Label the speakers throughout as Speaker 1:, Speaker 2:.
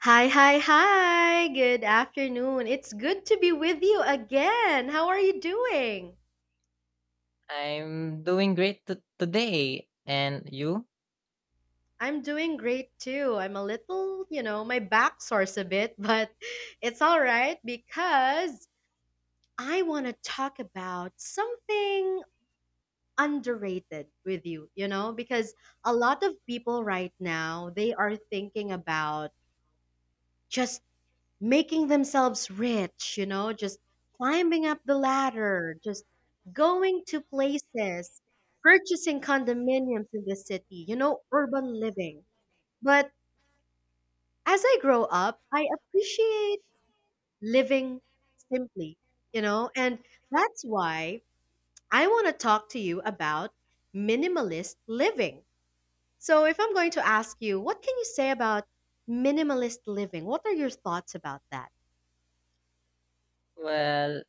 Speaker 1: Hi, hi, hi. Good afternoon. It's good to be with you again. How are you doing?
Speaker 2: I'm doing great today. And you?
Speaker 1: I'm doing great too. I'm a little, you know, my back sores a bit, but it's all right because I want to talk about something underrated with you, you know, because a lot of people right now, they are thinking about just making themselves rich, you know, just climbing up the ladder, just going to places, purchasing condominiums in the city, you know, urban living. But as I grow up, I appreciate living simply, you know, and that's why I want to talk to you about minimalist living. So, if I'm going to ask you, what can you say about minimalist living? What are your thoughts about that?
Speaker 2: Well,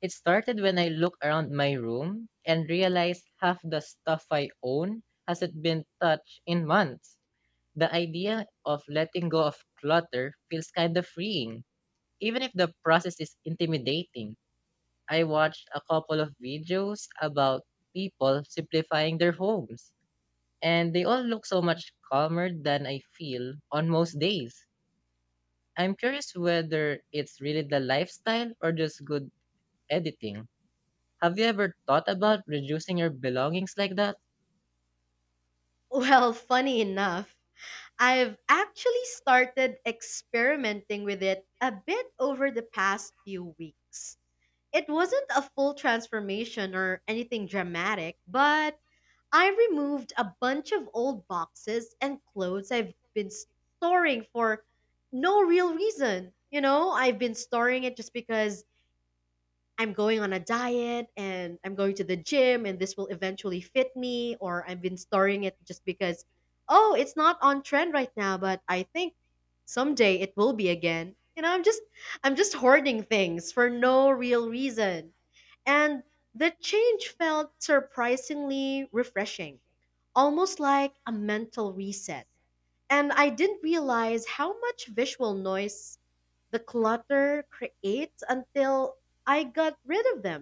Speaker 2: it started when I looked around my room and realized half the stuff I own hasn't been touched in months. The idea of letting go of clutter feels kind of freeing, even if the process is intimidating. I watched a couple of videos about people simplifying their homes, and they all look so much calmer than I feel on most days. I'm curious whether it's really the lifestyle or just good editing. Have you ever thought about reducing your belongings like that?
Speaker 1: Well, funny enough, I've actually started experimenting with it a bit over the past few weeks. It wasn't a full transformation or anything dramatic, but I removed a bunch of old boxes and clothes I've been storing for no real reason. You know, I've been storing it just because I'm going on a diet and I'm going to the gym and this will eventually fit me, or I've been storing it just because, oh, it's not on trend right now, but I think someday it will be again. You know, I'm just hoarding things for no real reason. And the change felt surprisingly refreshing, almost like a mental reset. And I didn't realize how much visual noise the clutter creates until I got rid of them.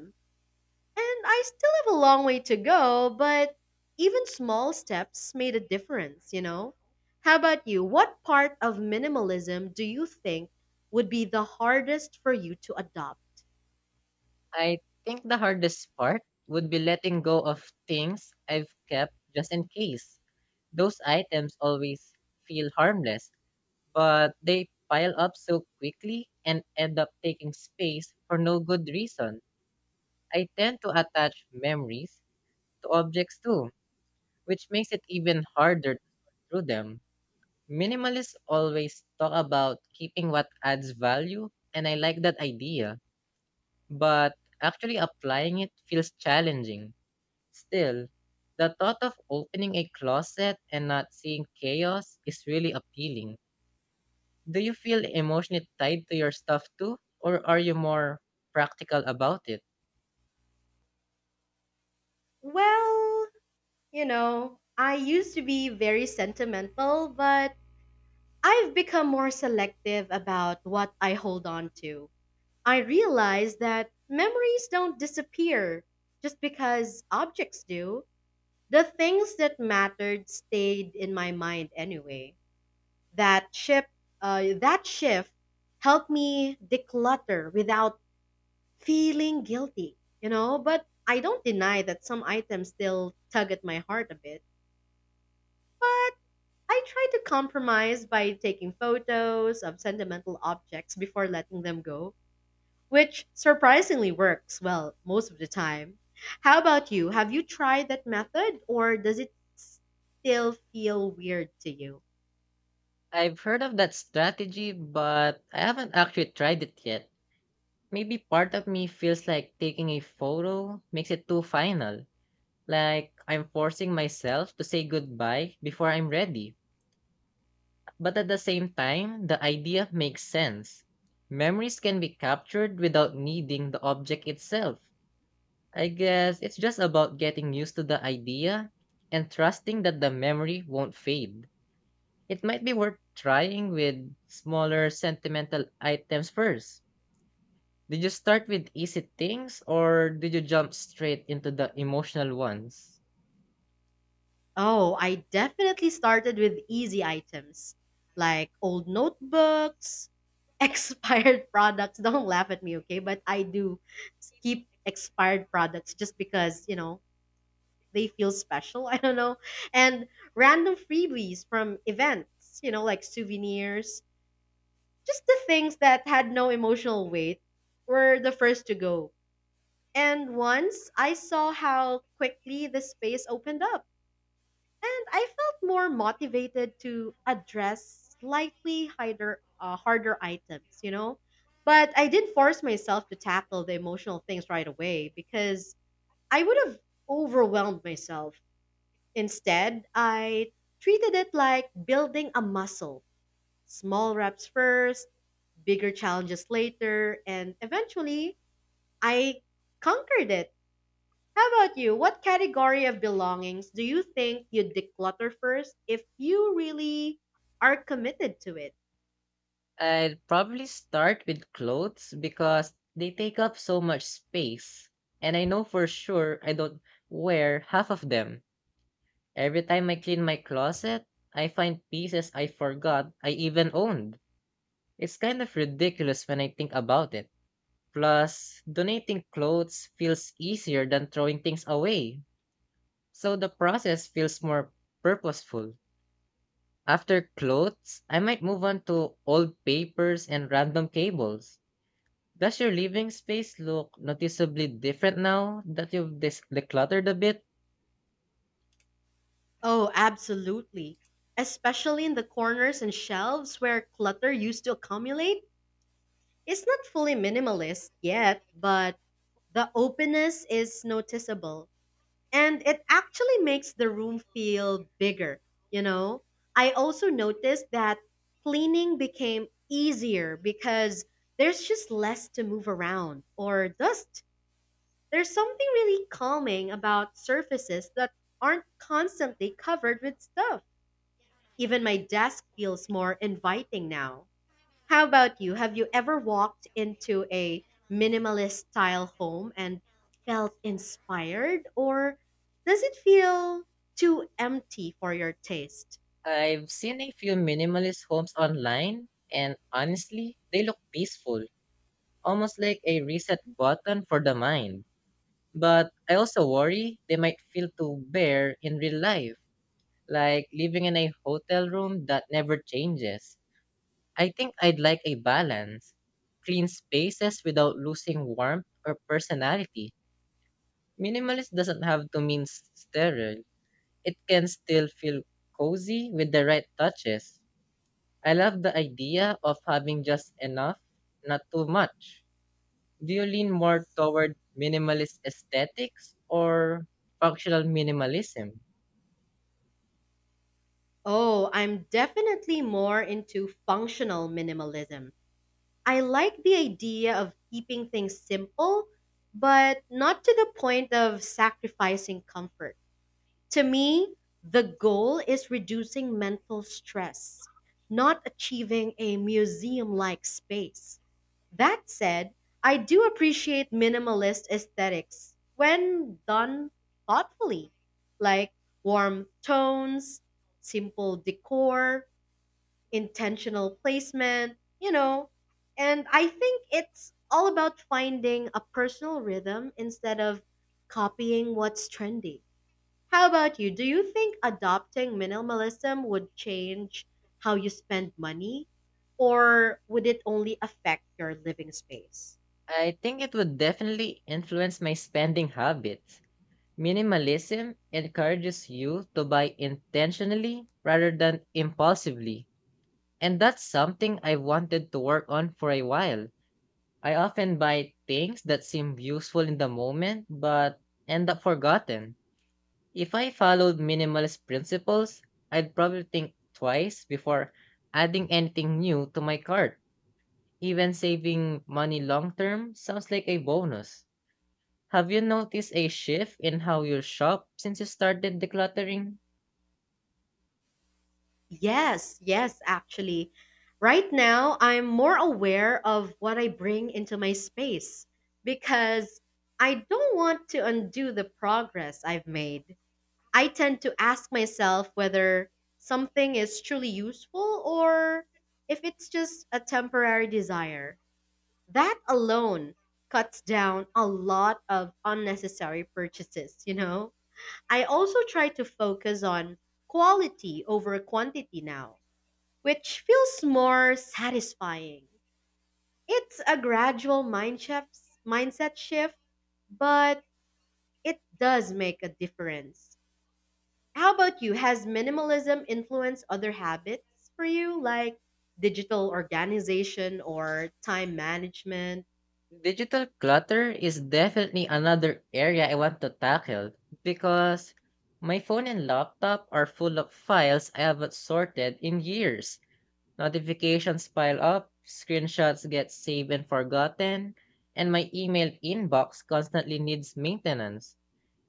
Speaker 1: And I still have a long way to go, but even small steps made a difference, you know? How about you? What part of minimalism do you think would be the hardest for you to adopt?
Speaker 2: I think the hardest part would be letting go of things I've kept just in case. Those items always feel harmless, but they pile up so quickly and end up taking space for no good reason. I tend to attach memories to objects too, which makes it even harder to sort through them. Minimalists always talk about keeping what adds value, and I like that idea, but actually applying it feels challenging. Still, the thought of opening a closet and not seeing chaos is really appealing. Do you feel emotionally tied to your stuff too, or are you more practical about it?
Speaker 1: Well, you know, I used to be very sentimental, but I've become more selective about what I hold on to. I realize that memories don't disappear just because objects do. The things that mattered stayed in my mind anyway. That shift, that shift helped me declutter without feeling guilty, you know. But I don't deny that some items still tug at my heart a bit. But I try to compromise by taking photos of sentimental objects before letting them go, which surprisingly works well most of the time. How about you? Have you tried that method or does it still feel weird to you?
Speaker 2: I've heard of that strategy, but I haven't actually tried it yet. Maybe part of me feels like taking a photo makes it too final. Like, I'm forcing myself to say goodbye before I'm ready. But at the same time, the idea makes sense. Memories can be captured without needing the object itself. I guess it's just about getting used to the idea and trusting that the memory won't fade. It might be worth trying with smaller sentimental items first. Did you start with easy things or did you jump straight into the emotional ones?
Speaker 1: Oh, I definitely started with easy items like old notebooks, expired products. Don't laugh at me, okay? But I do keep expired products just because, you know, they feel special. I don't know. And random freebies from events, you know, like souvenirs. Just the things that had no emotional weight were the first to go. And once I saw how quickly the space opened up, and I felt more motivated to address slightly harder items, you know? But I did force myself to tackle the emotional things right away because I would have overwhelmed myself. Instead, I treated it like building a muscle, small reps first, bigger challenges later, and eventually I conquered it. How about you? What category of belongings do you think you'd declutter first if you really are committed to it?
Speaker 2: I'd probably start with clothes because they take up so much space. And I know for sure I don't wear half of them. Every time I clean my closet, I find pieces I forgot I even owned. It's kind of ridiculous when I think about it. Plus, donating clothes feels easier than throwing things away. So the process feels more purposeful. After clothes, I might move on to old papers and random cables. Does your living space look noticeably different now that you've decluttered a bit?
Speaker 1: Oh, absolutely. Especially in the corners and shelves where clutter used to accumulate. It's not fully minimalist yet, but the openness is noticeable and it actually makes the room feel bigger, you know? I also noticed that cleaning became easier because there's just less to move around or dust. There's something really calming about surfaces that aren't constantly covered with stuff. Even my desk feels more inviting now. How about you? Have you ever walked into a minimalist style home and felt inspired, or does it feel too empty for your taste?
Speaker 2: I've seen a few minimalist homes online, and honestly, they look peaceful, almost like a reset button for the mind. But I also worry they might feel too bare in real life, like living in a hotel room that never changes. I think I'd like a balance, clean spaces without losing warmth or personality. Minimalist doesn't have to mean sterile. It can still feel cozy with the right touches. I love the idea of having just enough, not too much. Do you lean more toward minimalist aesthetics or functional minimalism?
Speaker 1: Oh, I'm definitely more into functional minimalism. I like the idea of keeping things simple, but not to the point of sacrificing comfort. To me, the goal is reducing mental stress, not achieving a museum like space. That said, I do appreciate minimalist aesthetics when done thoughtfully, like warm tones, simple decor, intentional placement, you know. And I think it's all about finding a personal rhythm instead of copying what's trendy. How about you? Do you think adopting minimalism would change how you spend money, or would it only affect your living space?
Speaker 2: I think it would definitely influence my spending habits. Minimalism encourages you to buy intentionally rather than impulsively. And that's something I wanted to work on for a while. I often buy things that seem useful in the moment but end up forgotten. If I followed minimalist principles, I'd probably think twice before adding anything new to my cart. Even saving money long term sounds like a bonus. Have you noticed a shift in how you shop since you started decluttering?
Speaker 1: Yes, yes, actually. Right now, I'm more aware of what I bring into my space because I don't want to undo the progress I've made. I tend to ask myself whether something is truly useful or if it's just a temporary desire. That alone cuts down a lot of unnecessary purchases, you know? I also try to focus on quality over quantity now, which feels more satisfying. It's a gradual mind shift, mindset shift, but it does make a difference. How about you? Has minimalism influenced other habits for you, like digital organization or time management?
Speaker 2: Digital clutter is definitely another area I want to tackle because my phone and laptop are full of files I haven't sorted in years. Notifications pile up, screenshots get saved and forgotten, and my email inbox constantly needs maintenance.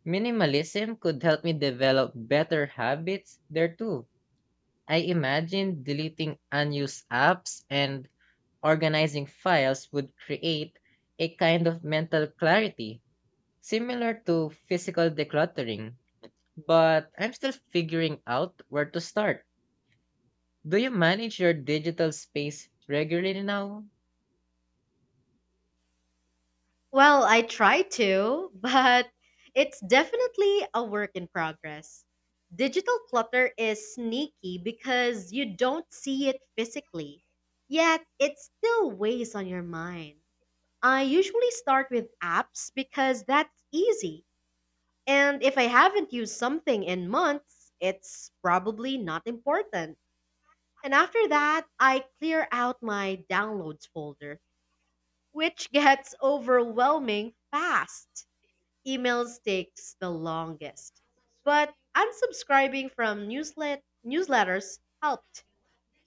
Speaker 2: Minimalism could help me develop better habits there too. I imagine deleting unused apps and organizing files would create a kind of mental clarity, similar to physical decluttering. But I'm still figuring out where to start. Do you manage your digital space regularly now?
Speaker 1: Well, I try to, but it's definitely a work in progress. Digital clutter is sneaky because you don't see it physically, yet it still weighs on your mind. I usually start with apps because that's easy. And if I haven't used something in months, it's probably not important. And after that, I clear out my downloads folder, which gets overwhelming fast. Emails takes the longest. But unsubscribing from newsletters helped.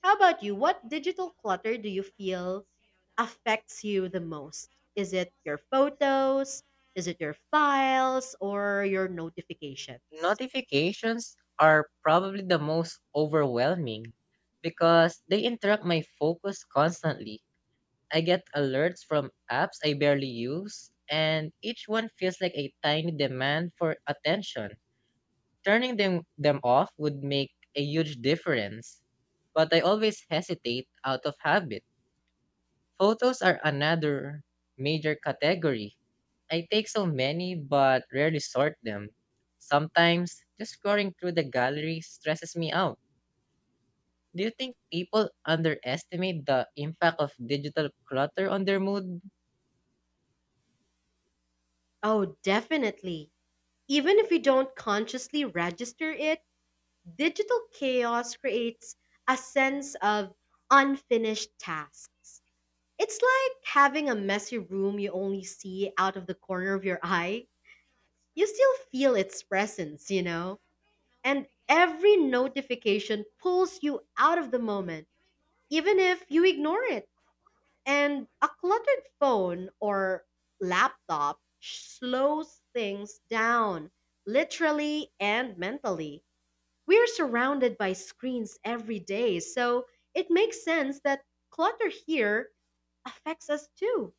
Speaker 1: How about you? What digital clutter do you feel affects you the most? Is it your photos? Is it your files or your notifications?
Speaker 2: Notifications are probably the most overwhelming because they interrupt my focus constantly. I get alerts from apps I barely use, and each one feels like a tiny demand for attention. Turning them off would make a huge difference, but I always hesitate out of habit. Photos are another major category. I take so many but rarely sort them. Sometimes just scrolling through the gallery stresses me out. Do you think people underestimate the impact of digital clutter on their mood?
Speaker 1: Oh, definitely. Even if you don't consciously register it, digital chaos creates a sense of unfinished tasks. It's like having a messy room you only see out of the corner of your eye. You still feel its presence, you know? And every notification pulls you out of the moment, even if you ignore it. And a cluttered phone or laptop slows things down, literally and mentally. We're surrounded by screens every day, so it makes sense that clutter here affects us too.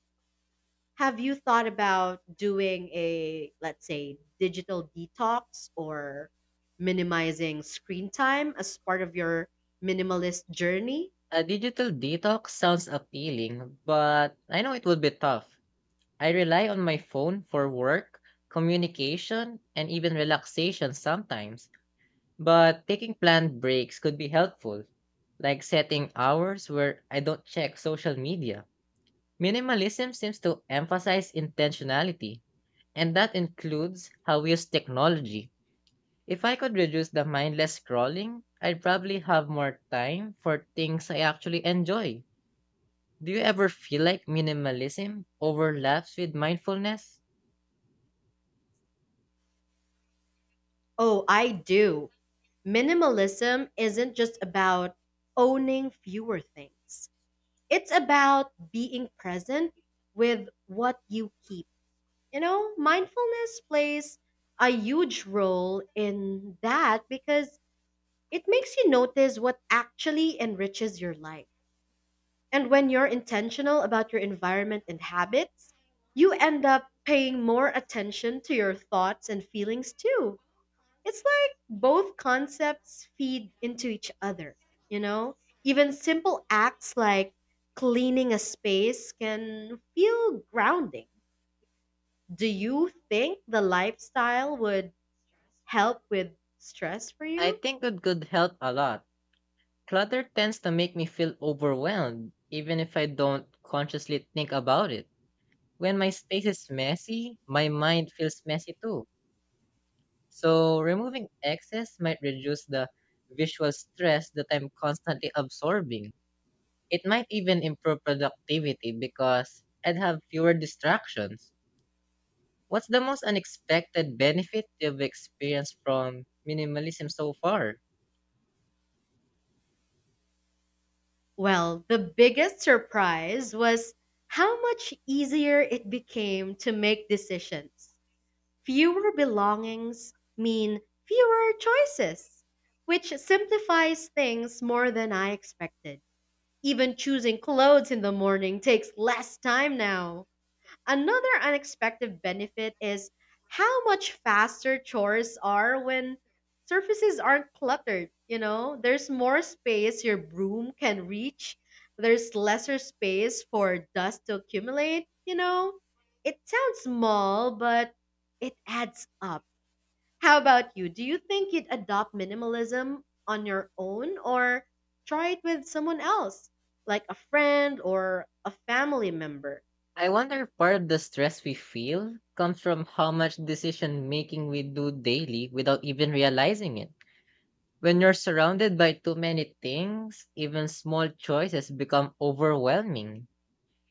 Speaker 1: Have you thought about doing a, let's say, digital detox or minimizing screen time as part of your minimalist journey?
Speaker 2: A digital detox sounds appealing, but I know it would be tough. I rely on my phone for work, communication, and even relaxation sometimes, but taking planned breaks could be helpful, like setting hours where I don't check social media. Minimalism seems to emphasize intentionality, and that includes how we use technology. If I could reduce the mindless scrolling, I'd probably have more time for things I actually enjoy. Do you ever feel like minimalism overlaps with mindfulness?
Speaker 1: Oh, I do. Minimalism isn't just about owning fewer things, it's about being present with what you keep. You know, mindfulness plays a huge role in that because it makes you notice what actually enriches your life. And when you're intentional about your environment and habits, you end up paying more attention to your thoughts and feelings too. It's like both concepts feed into each other, you know? Even simple acts like cleaning a space can feel grounding. Do you think the lifestyle would help with stress for
Speaker 2: I
Speaker 1: you?
Speaker 2: think it could help a lot. Clutter tends to make me feel overwhelmed, even if I don't consciously think about it. When my space is messy, my mind feels messy too. So, removing excess might reduce the visual stress that I'm constantly absorbing. It might even improve productivity because I'd have fewer distractions. What's the most unexpected benefit you've experienced from minimalism so far?
Speaker 1: Well, the biggest surprise was how much easier it became to make decisions. Fewer belongings mean fewer choices, which simplifies things more than I expected. Even choosing clothes in the morning takes less time now. Another unexpected benefit is how much faster chores are when surfaces aren't cluttered. You know, there's more space your broom can reach, there's lesser space for dust to accumulate. You know, it sounds small, but it adds up. How about you? Do you think you'd adopt minimalism on your own or try it with someone else, like a friend or a family member?
Speaker 2: I wonder if part of the stress we feel comes from how much decision making we do daily without even realizing it. When you're surrounded by too many things, even small choices become overwhelming.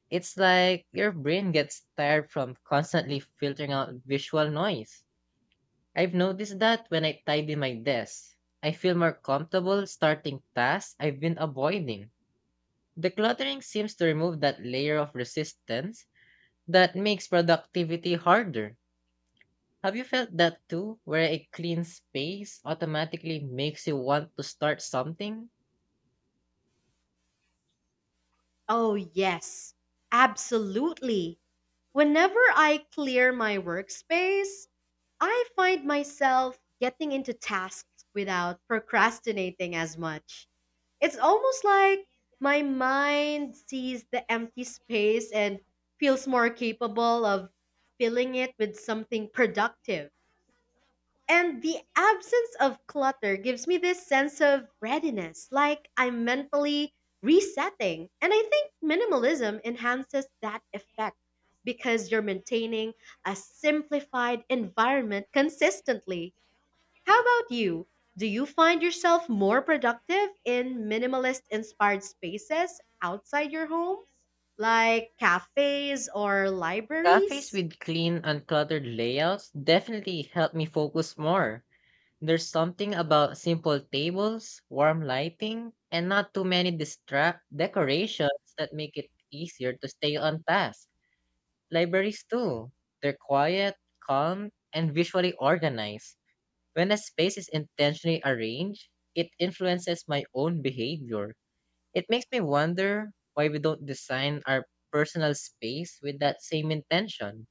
Speaker 2: It's like your brain gets tired from constantly filtering out visual noise. I've noticed that when I tidy my desk, I feel more comfortable starting tasks I've been avoiding. Decluttering seems to remove that layer of resistance that makes productivity harder. Have you felt that too, where a clean space automatically makes you want to start something?
Speaker 1: Oh, yes, absolutely. Whenever I clear my workspace, I find myself getting into tasks without procrastinating as much. It's almost like my mind sees the empty space and feels more capable of filling it with something productive. And the absence of clutter gives me this sense of readiness, like I'm mentally resetting. And I think minimalism enhances that effect because you're maintaining a simplified environment consistently. How about you? Do you find yourself more productive in minimalist inspired spaces outside your home, like cafes or
Speaker 2: Cafes
Speaker 1: libraries?
Speaker 2: with clean, uncluttered layouts definitely help me focus more. There's something about simple tables, warm lighting, and not too many distract decorations that make it easier to stay on task. Libraries too. They're quiet, calm, and visually organized. When a space is intentionally arranged, it influences my own behavior. It makes me wonder why we don't design our personal space with that same intention.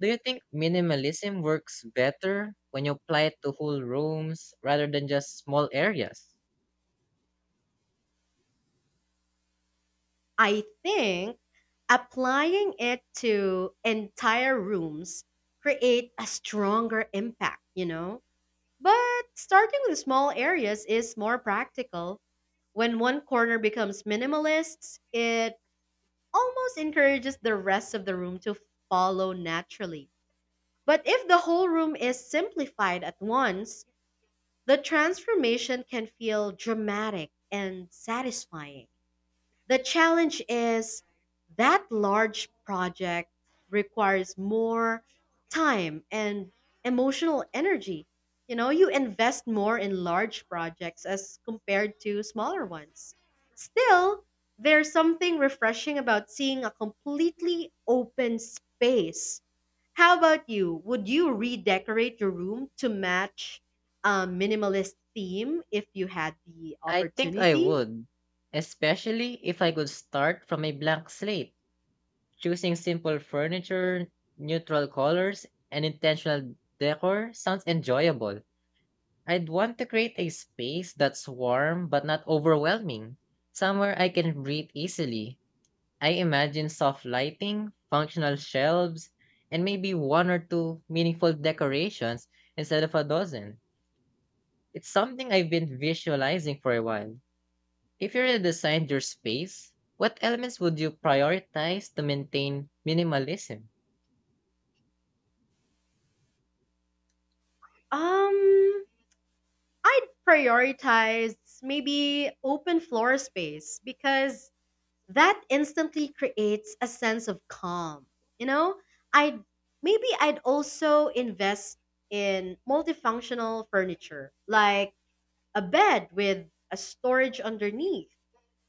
Speaker 2: Do you think minimalism works better when you apply it to whole rooms rather than just small areas?
Speaker 1: I think applying it to entire rooms create a stronger impact, you know? But starting with small areas is more practical. When one corner becomes minimalist, it almost encourages the rest of the room to follow naturally. But if the whole room is simplified at once, the transformation can feel dramatic and satisfying. The challenge is that large project requires more time and emotional energy. You know, you invest more in large projects as compared to smaller ones. Still, there's something refreshing about seeing a completely open space. How about you? Would you redecorate your room to match a minimalist theme if you had the
Speaker 2: I think I
Speaker 1: opportunity?
Speaker 2: would, especially if I could start from a blank slate, choosing simple furniture, neutral colors, and intentional decor sounds enjoyable. I'd want to create a space that's warm but not overwhelming, somewhere I can breathe easily. I imagine soft lighting, functional shelves, and maybe one or two meaningful decorations instead of a dozen. It's something I've been visualizing for a while. If you redesigned your space, what elements would you prioritize to maintain minimalism?
Speaker 1: Um, I'd prioritize maybe open floor space because that instantly creates a sense of calm. You know, I'd maybe I'd also invest in multifunctional furniture like a bed with a storage underneath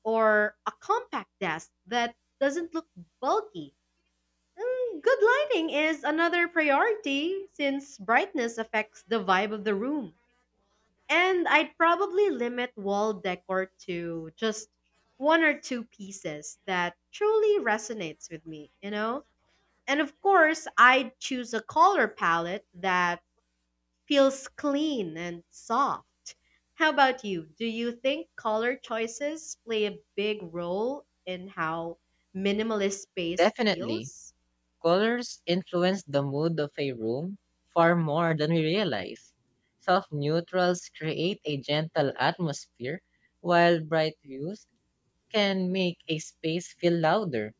Speaker 1: or a compact desk that doesn't look bulky. Good lighting is another priority since brightness affects the vibe of the room. And I'd probably limit wall decor to just one or two pieces that truly resonates with me, you know? And of course, I'd choose a color palette that feels clean and soft. How about you? Do you think color choices play a big role in how minimalist space
Speaker 2: Definitely.
Speaker 1: feels?
Speaker 2: Colors influence the mood of a room far more than we realize. Soft neutrals create a gentle atmosphere, while bright hues can make a space feel louder.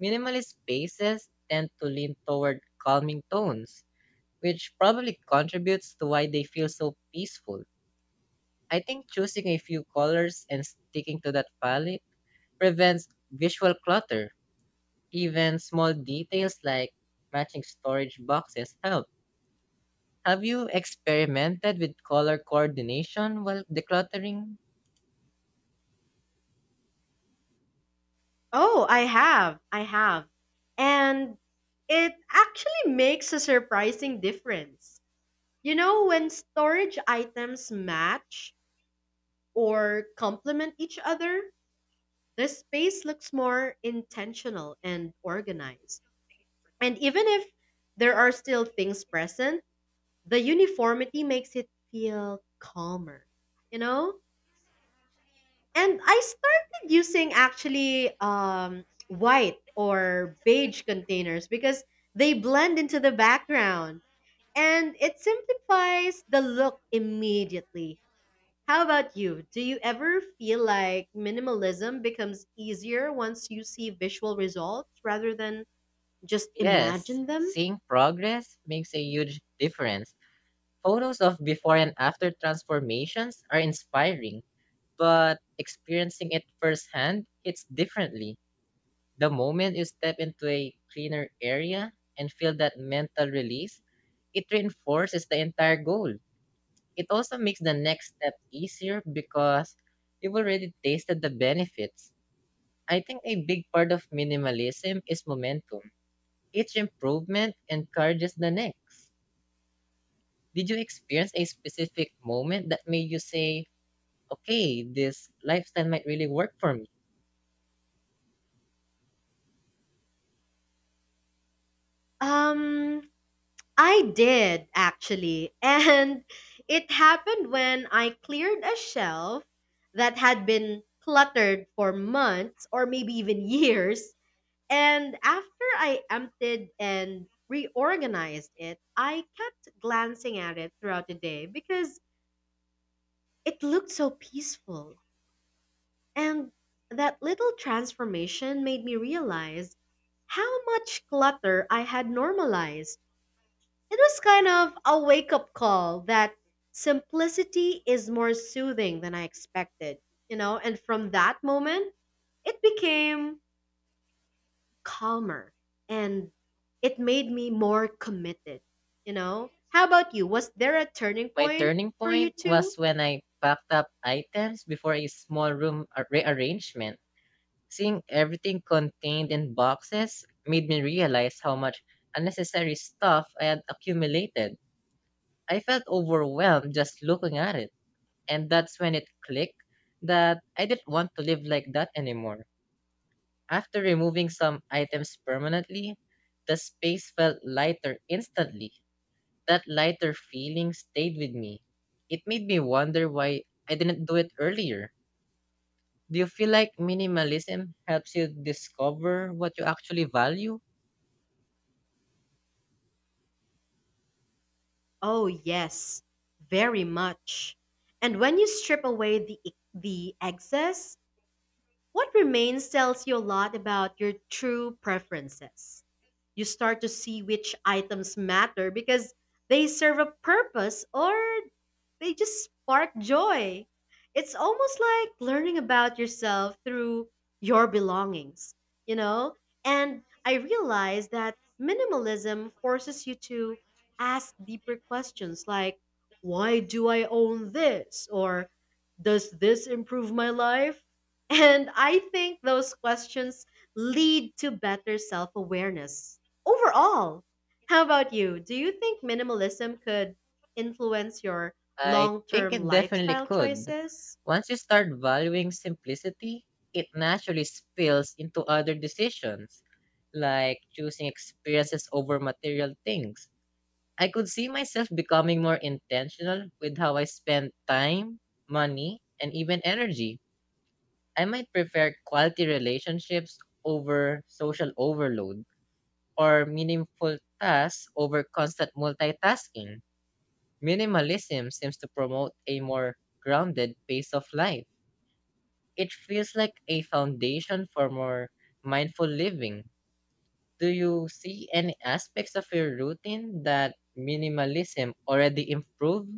Speaker 2: Minimalist spaces tend to lean toward calming tones, which probably contributes to why they feel so peaceful. I think choosing a few colors and sticking to that palette prevents visual clutter. Even small details like matching storage boxes help. Have you experimented with color coordination while decluttering?
Speaker 1: Oh, I have. I have. And it actually makes a surprising difference. You know, when storage items match or complement each other, the space looks more intentional and organized. And even if there are still things present, the uniformity makes it feel calmer, you know? And I started using actually white or beige containers because they blend into the background and it simplifies the look immediately. How about you? Do you ever feel like minimalism becomes easier once you see visual results rather than just
Speaker 2: Yes,
Speaker 1: imagine them?
Speaker 2: seeing progress makes a huge difference. Photos of before and after transformations are inspiring, but experiencing it firsthand hits differently. The moment you step into a cleaner area and feel that mental release, it reinforces the entire goal. It also makes the next step easier because you've already tasted the benefits. I think a big part of minimalism is momentum. Each improvement encourages the next. Did you experience a specific moment that made you say, okay, this lifestyle might really work for me?
Speaker 1: Um, I did actually. And it happened when I cleared a shelf that had been cluttered for months or maybe even years. And after I emptied and reorganized it, I kept glancing at it throughout the day because it looked so peaceful. And that little transformation made me realize how much clutter I had normalized. It was kind of a wake up call that simplicity is more soothing than I expected, you know? And from that moment, it became calmer and it made me more committed, you know? How about you? Was there a turning
Speaker 2: My
Speaker 1: point
Speaker 2: turning
Speaker 1: for you
Speaker 2: point
Speaker 1: too?
Speaker 2: was when I packed up items before a small room rearrangement. Seeing everything contained in boxes made me realize how much unnecessary stuff I had accumulated. I felt overwhelmed just looking at it. And that's when it clicked that I didn't want to live like that anymore. After removing some items permanently, the space felt lighter instantly. That lighter feeling stayed with me. It made me wonder why I didn't do it earlier. Do you feel like minimalism helps you discover what you actually value?
Speaker 1: Oh, yes, very much. And when you strip away the excess, what remains tells you a lot about your true preferences. You start to see which items matter because they serve a purpose or they just spark joy. It's almost like learning about yourself through your belongings, you know? And I realized that minimalism forces you to ask deeper questions like, why do I own this? Or does this improve my life? And I think those questions lead to better self awareness. Overall, how about you? Do you think minimalism could influence your
Speaker 2: I
Speaker 1: long
Speaker 2: think
Speaker 1: term
Speaker 2: it definitely
Speaker 1: lifestyle
Speaker 2: could.
Speaker 1: choices?
Speaker 2: Once you start valuing simplicity, it naturally spills into other decisions, like choosing experiences over material things. I could see myself becoming more intentional with how I spend time, money, and even energy. I might prefer quality relationships over social overload or meaningful tasks over constant multitasking. Minimalism seems to promote a more grounded pace of life. It feels like a foundation for more mindful living. Do you see any aspects of your routine that minimalism already improved?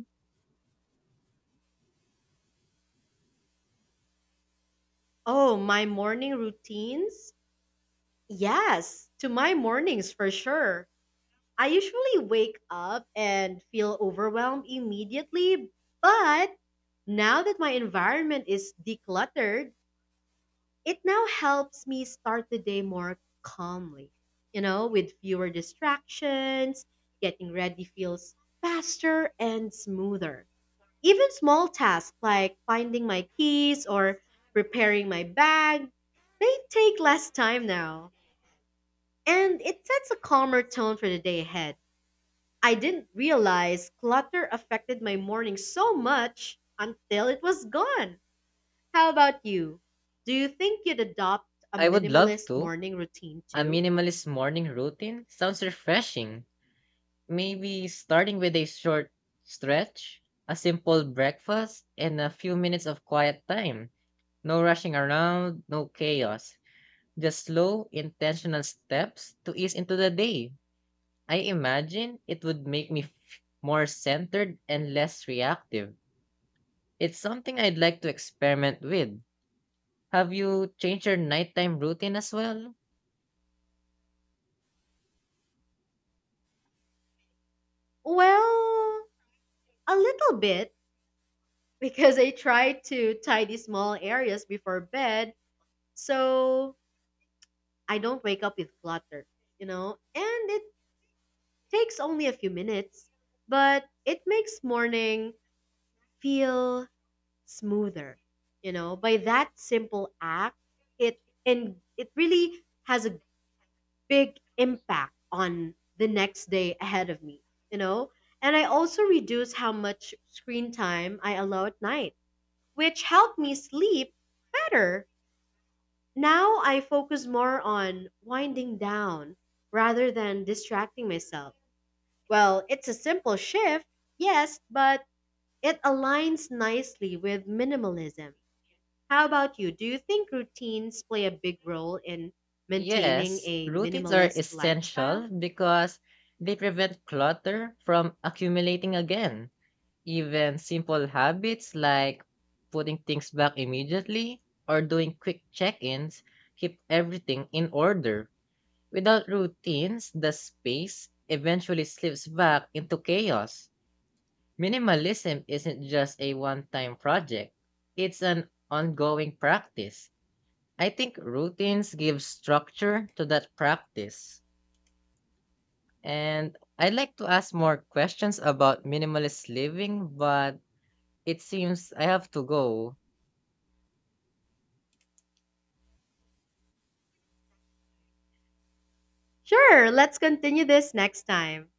Speaker 1: Oh, my morning routines? Yes, to my mornings for sure. I usually wake up and feel overwhelmed immediately, but now that my environment is decluttered, it now helps me start the day more calmly, you know, with fewer distractions. Getting ready feels faster and smoother. Even small tasks like finding my keys or preparing my bag, they take less time now. And it sets a calmer tone for the day ahead. I didn't realize clutter affected my morning so much until it was gone. How about you? Do you think you'd adopt a
Speaker 2: I would love
Speaker 1: minimalist
Speaker 2: to.
Speaker 1: morning routine
Speaker 2: A
Speaker 1: too?
Speaker 2: minimalist morning routine sounds refreshing. Maybe starting with a short stretch, a simple breakfast, and a few minutes of quiet time. No rushing around, no chaos. Just slow, intentional steps to ease into the day. I imagine it would make me more centered and less reactive. It's something I'd like to experiment with. Have you changed your nighttime routine as well?
Speaker 1: Well, a little bit, because I try to tidy small areas before bed so I don't wake up with clutter, you know? And it takes only a few minutes, but it makes morning feel smoother, you know? By that simple act, it really has a big impact on the next day ahead of me, you know? And I also reduce how much screen time I allow at night, which helped me sleep better. Now I focus more on winding down rather than distracting myself. Well, it's a simple shift, yes, but it aligns nicely with minimalism. How about you? Do you think routines play a big role in maintaining
Speaker 2: Yes,
Speaker 1: a
Speaker 2: routines are
Speaker 1: minimalist lifestyle?
Speaker 2: essential because they prevent clutter from accumulating again. Even simple habits like putting things back immediately or doing quick check ins keep everything in order. Without routines, the space eventually slips back into chaos. Minimalism isn't just a one time project, it's an ongoing practice. I think routines give structure to that practice. And I'd like to ask more questions about minimalist living, but it seems I have to go.
Speaker 1: Sure, let's continue this next time.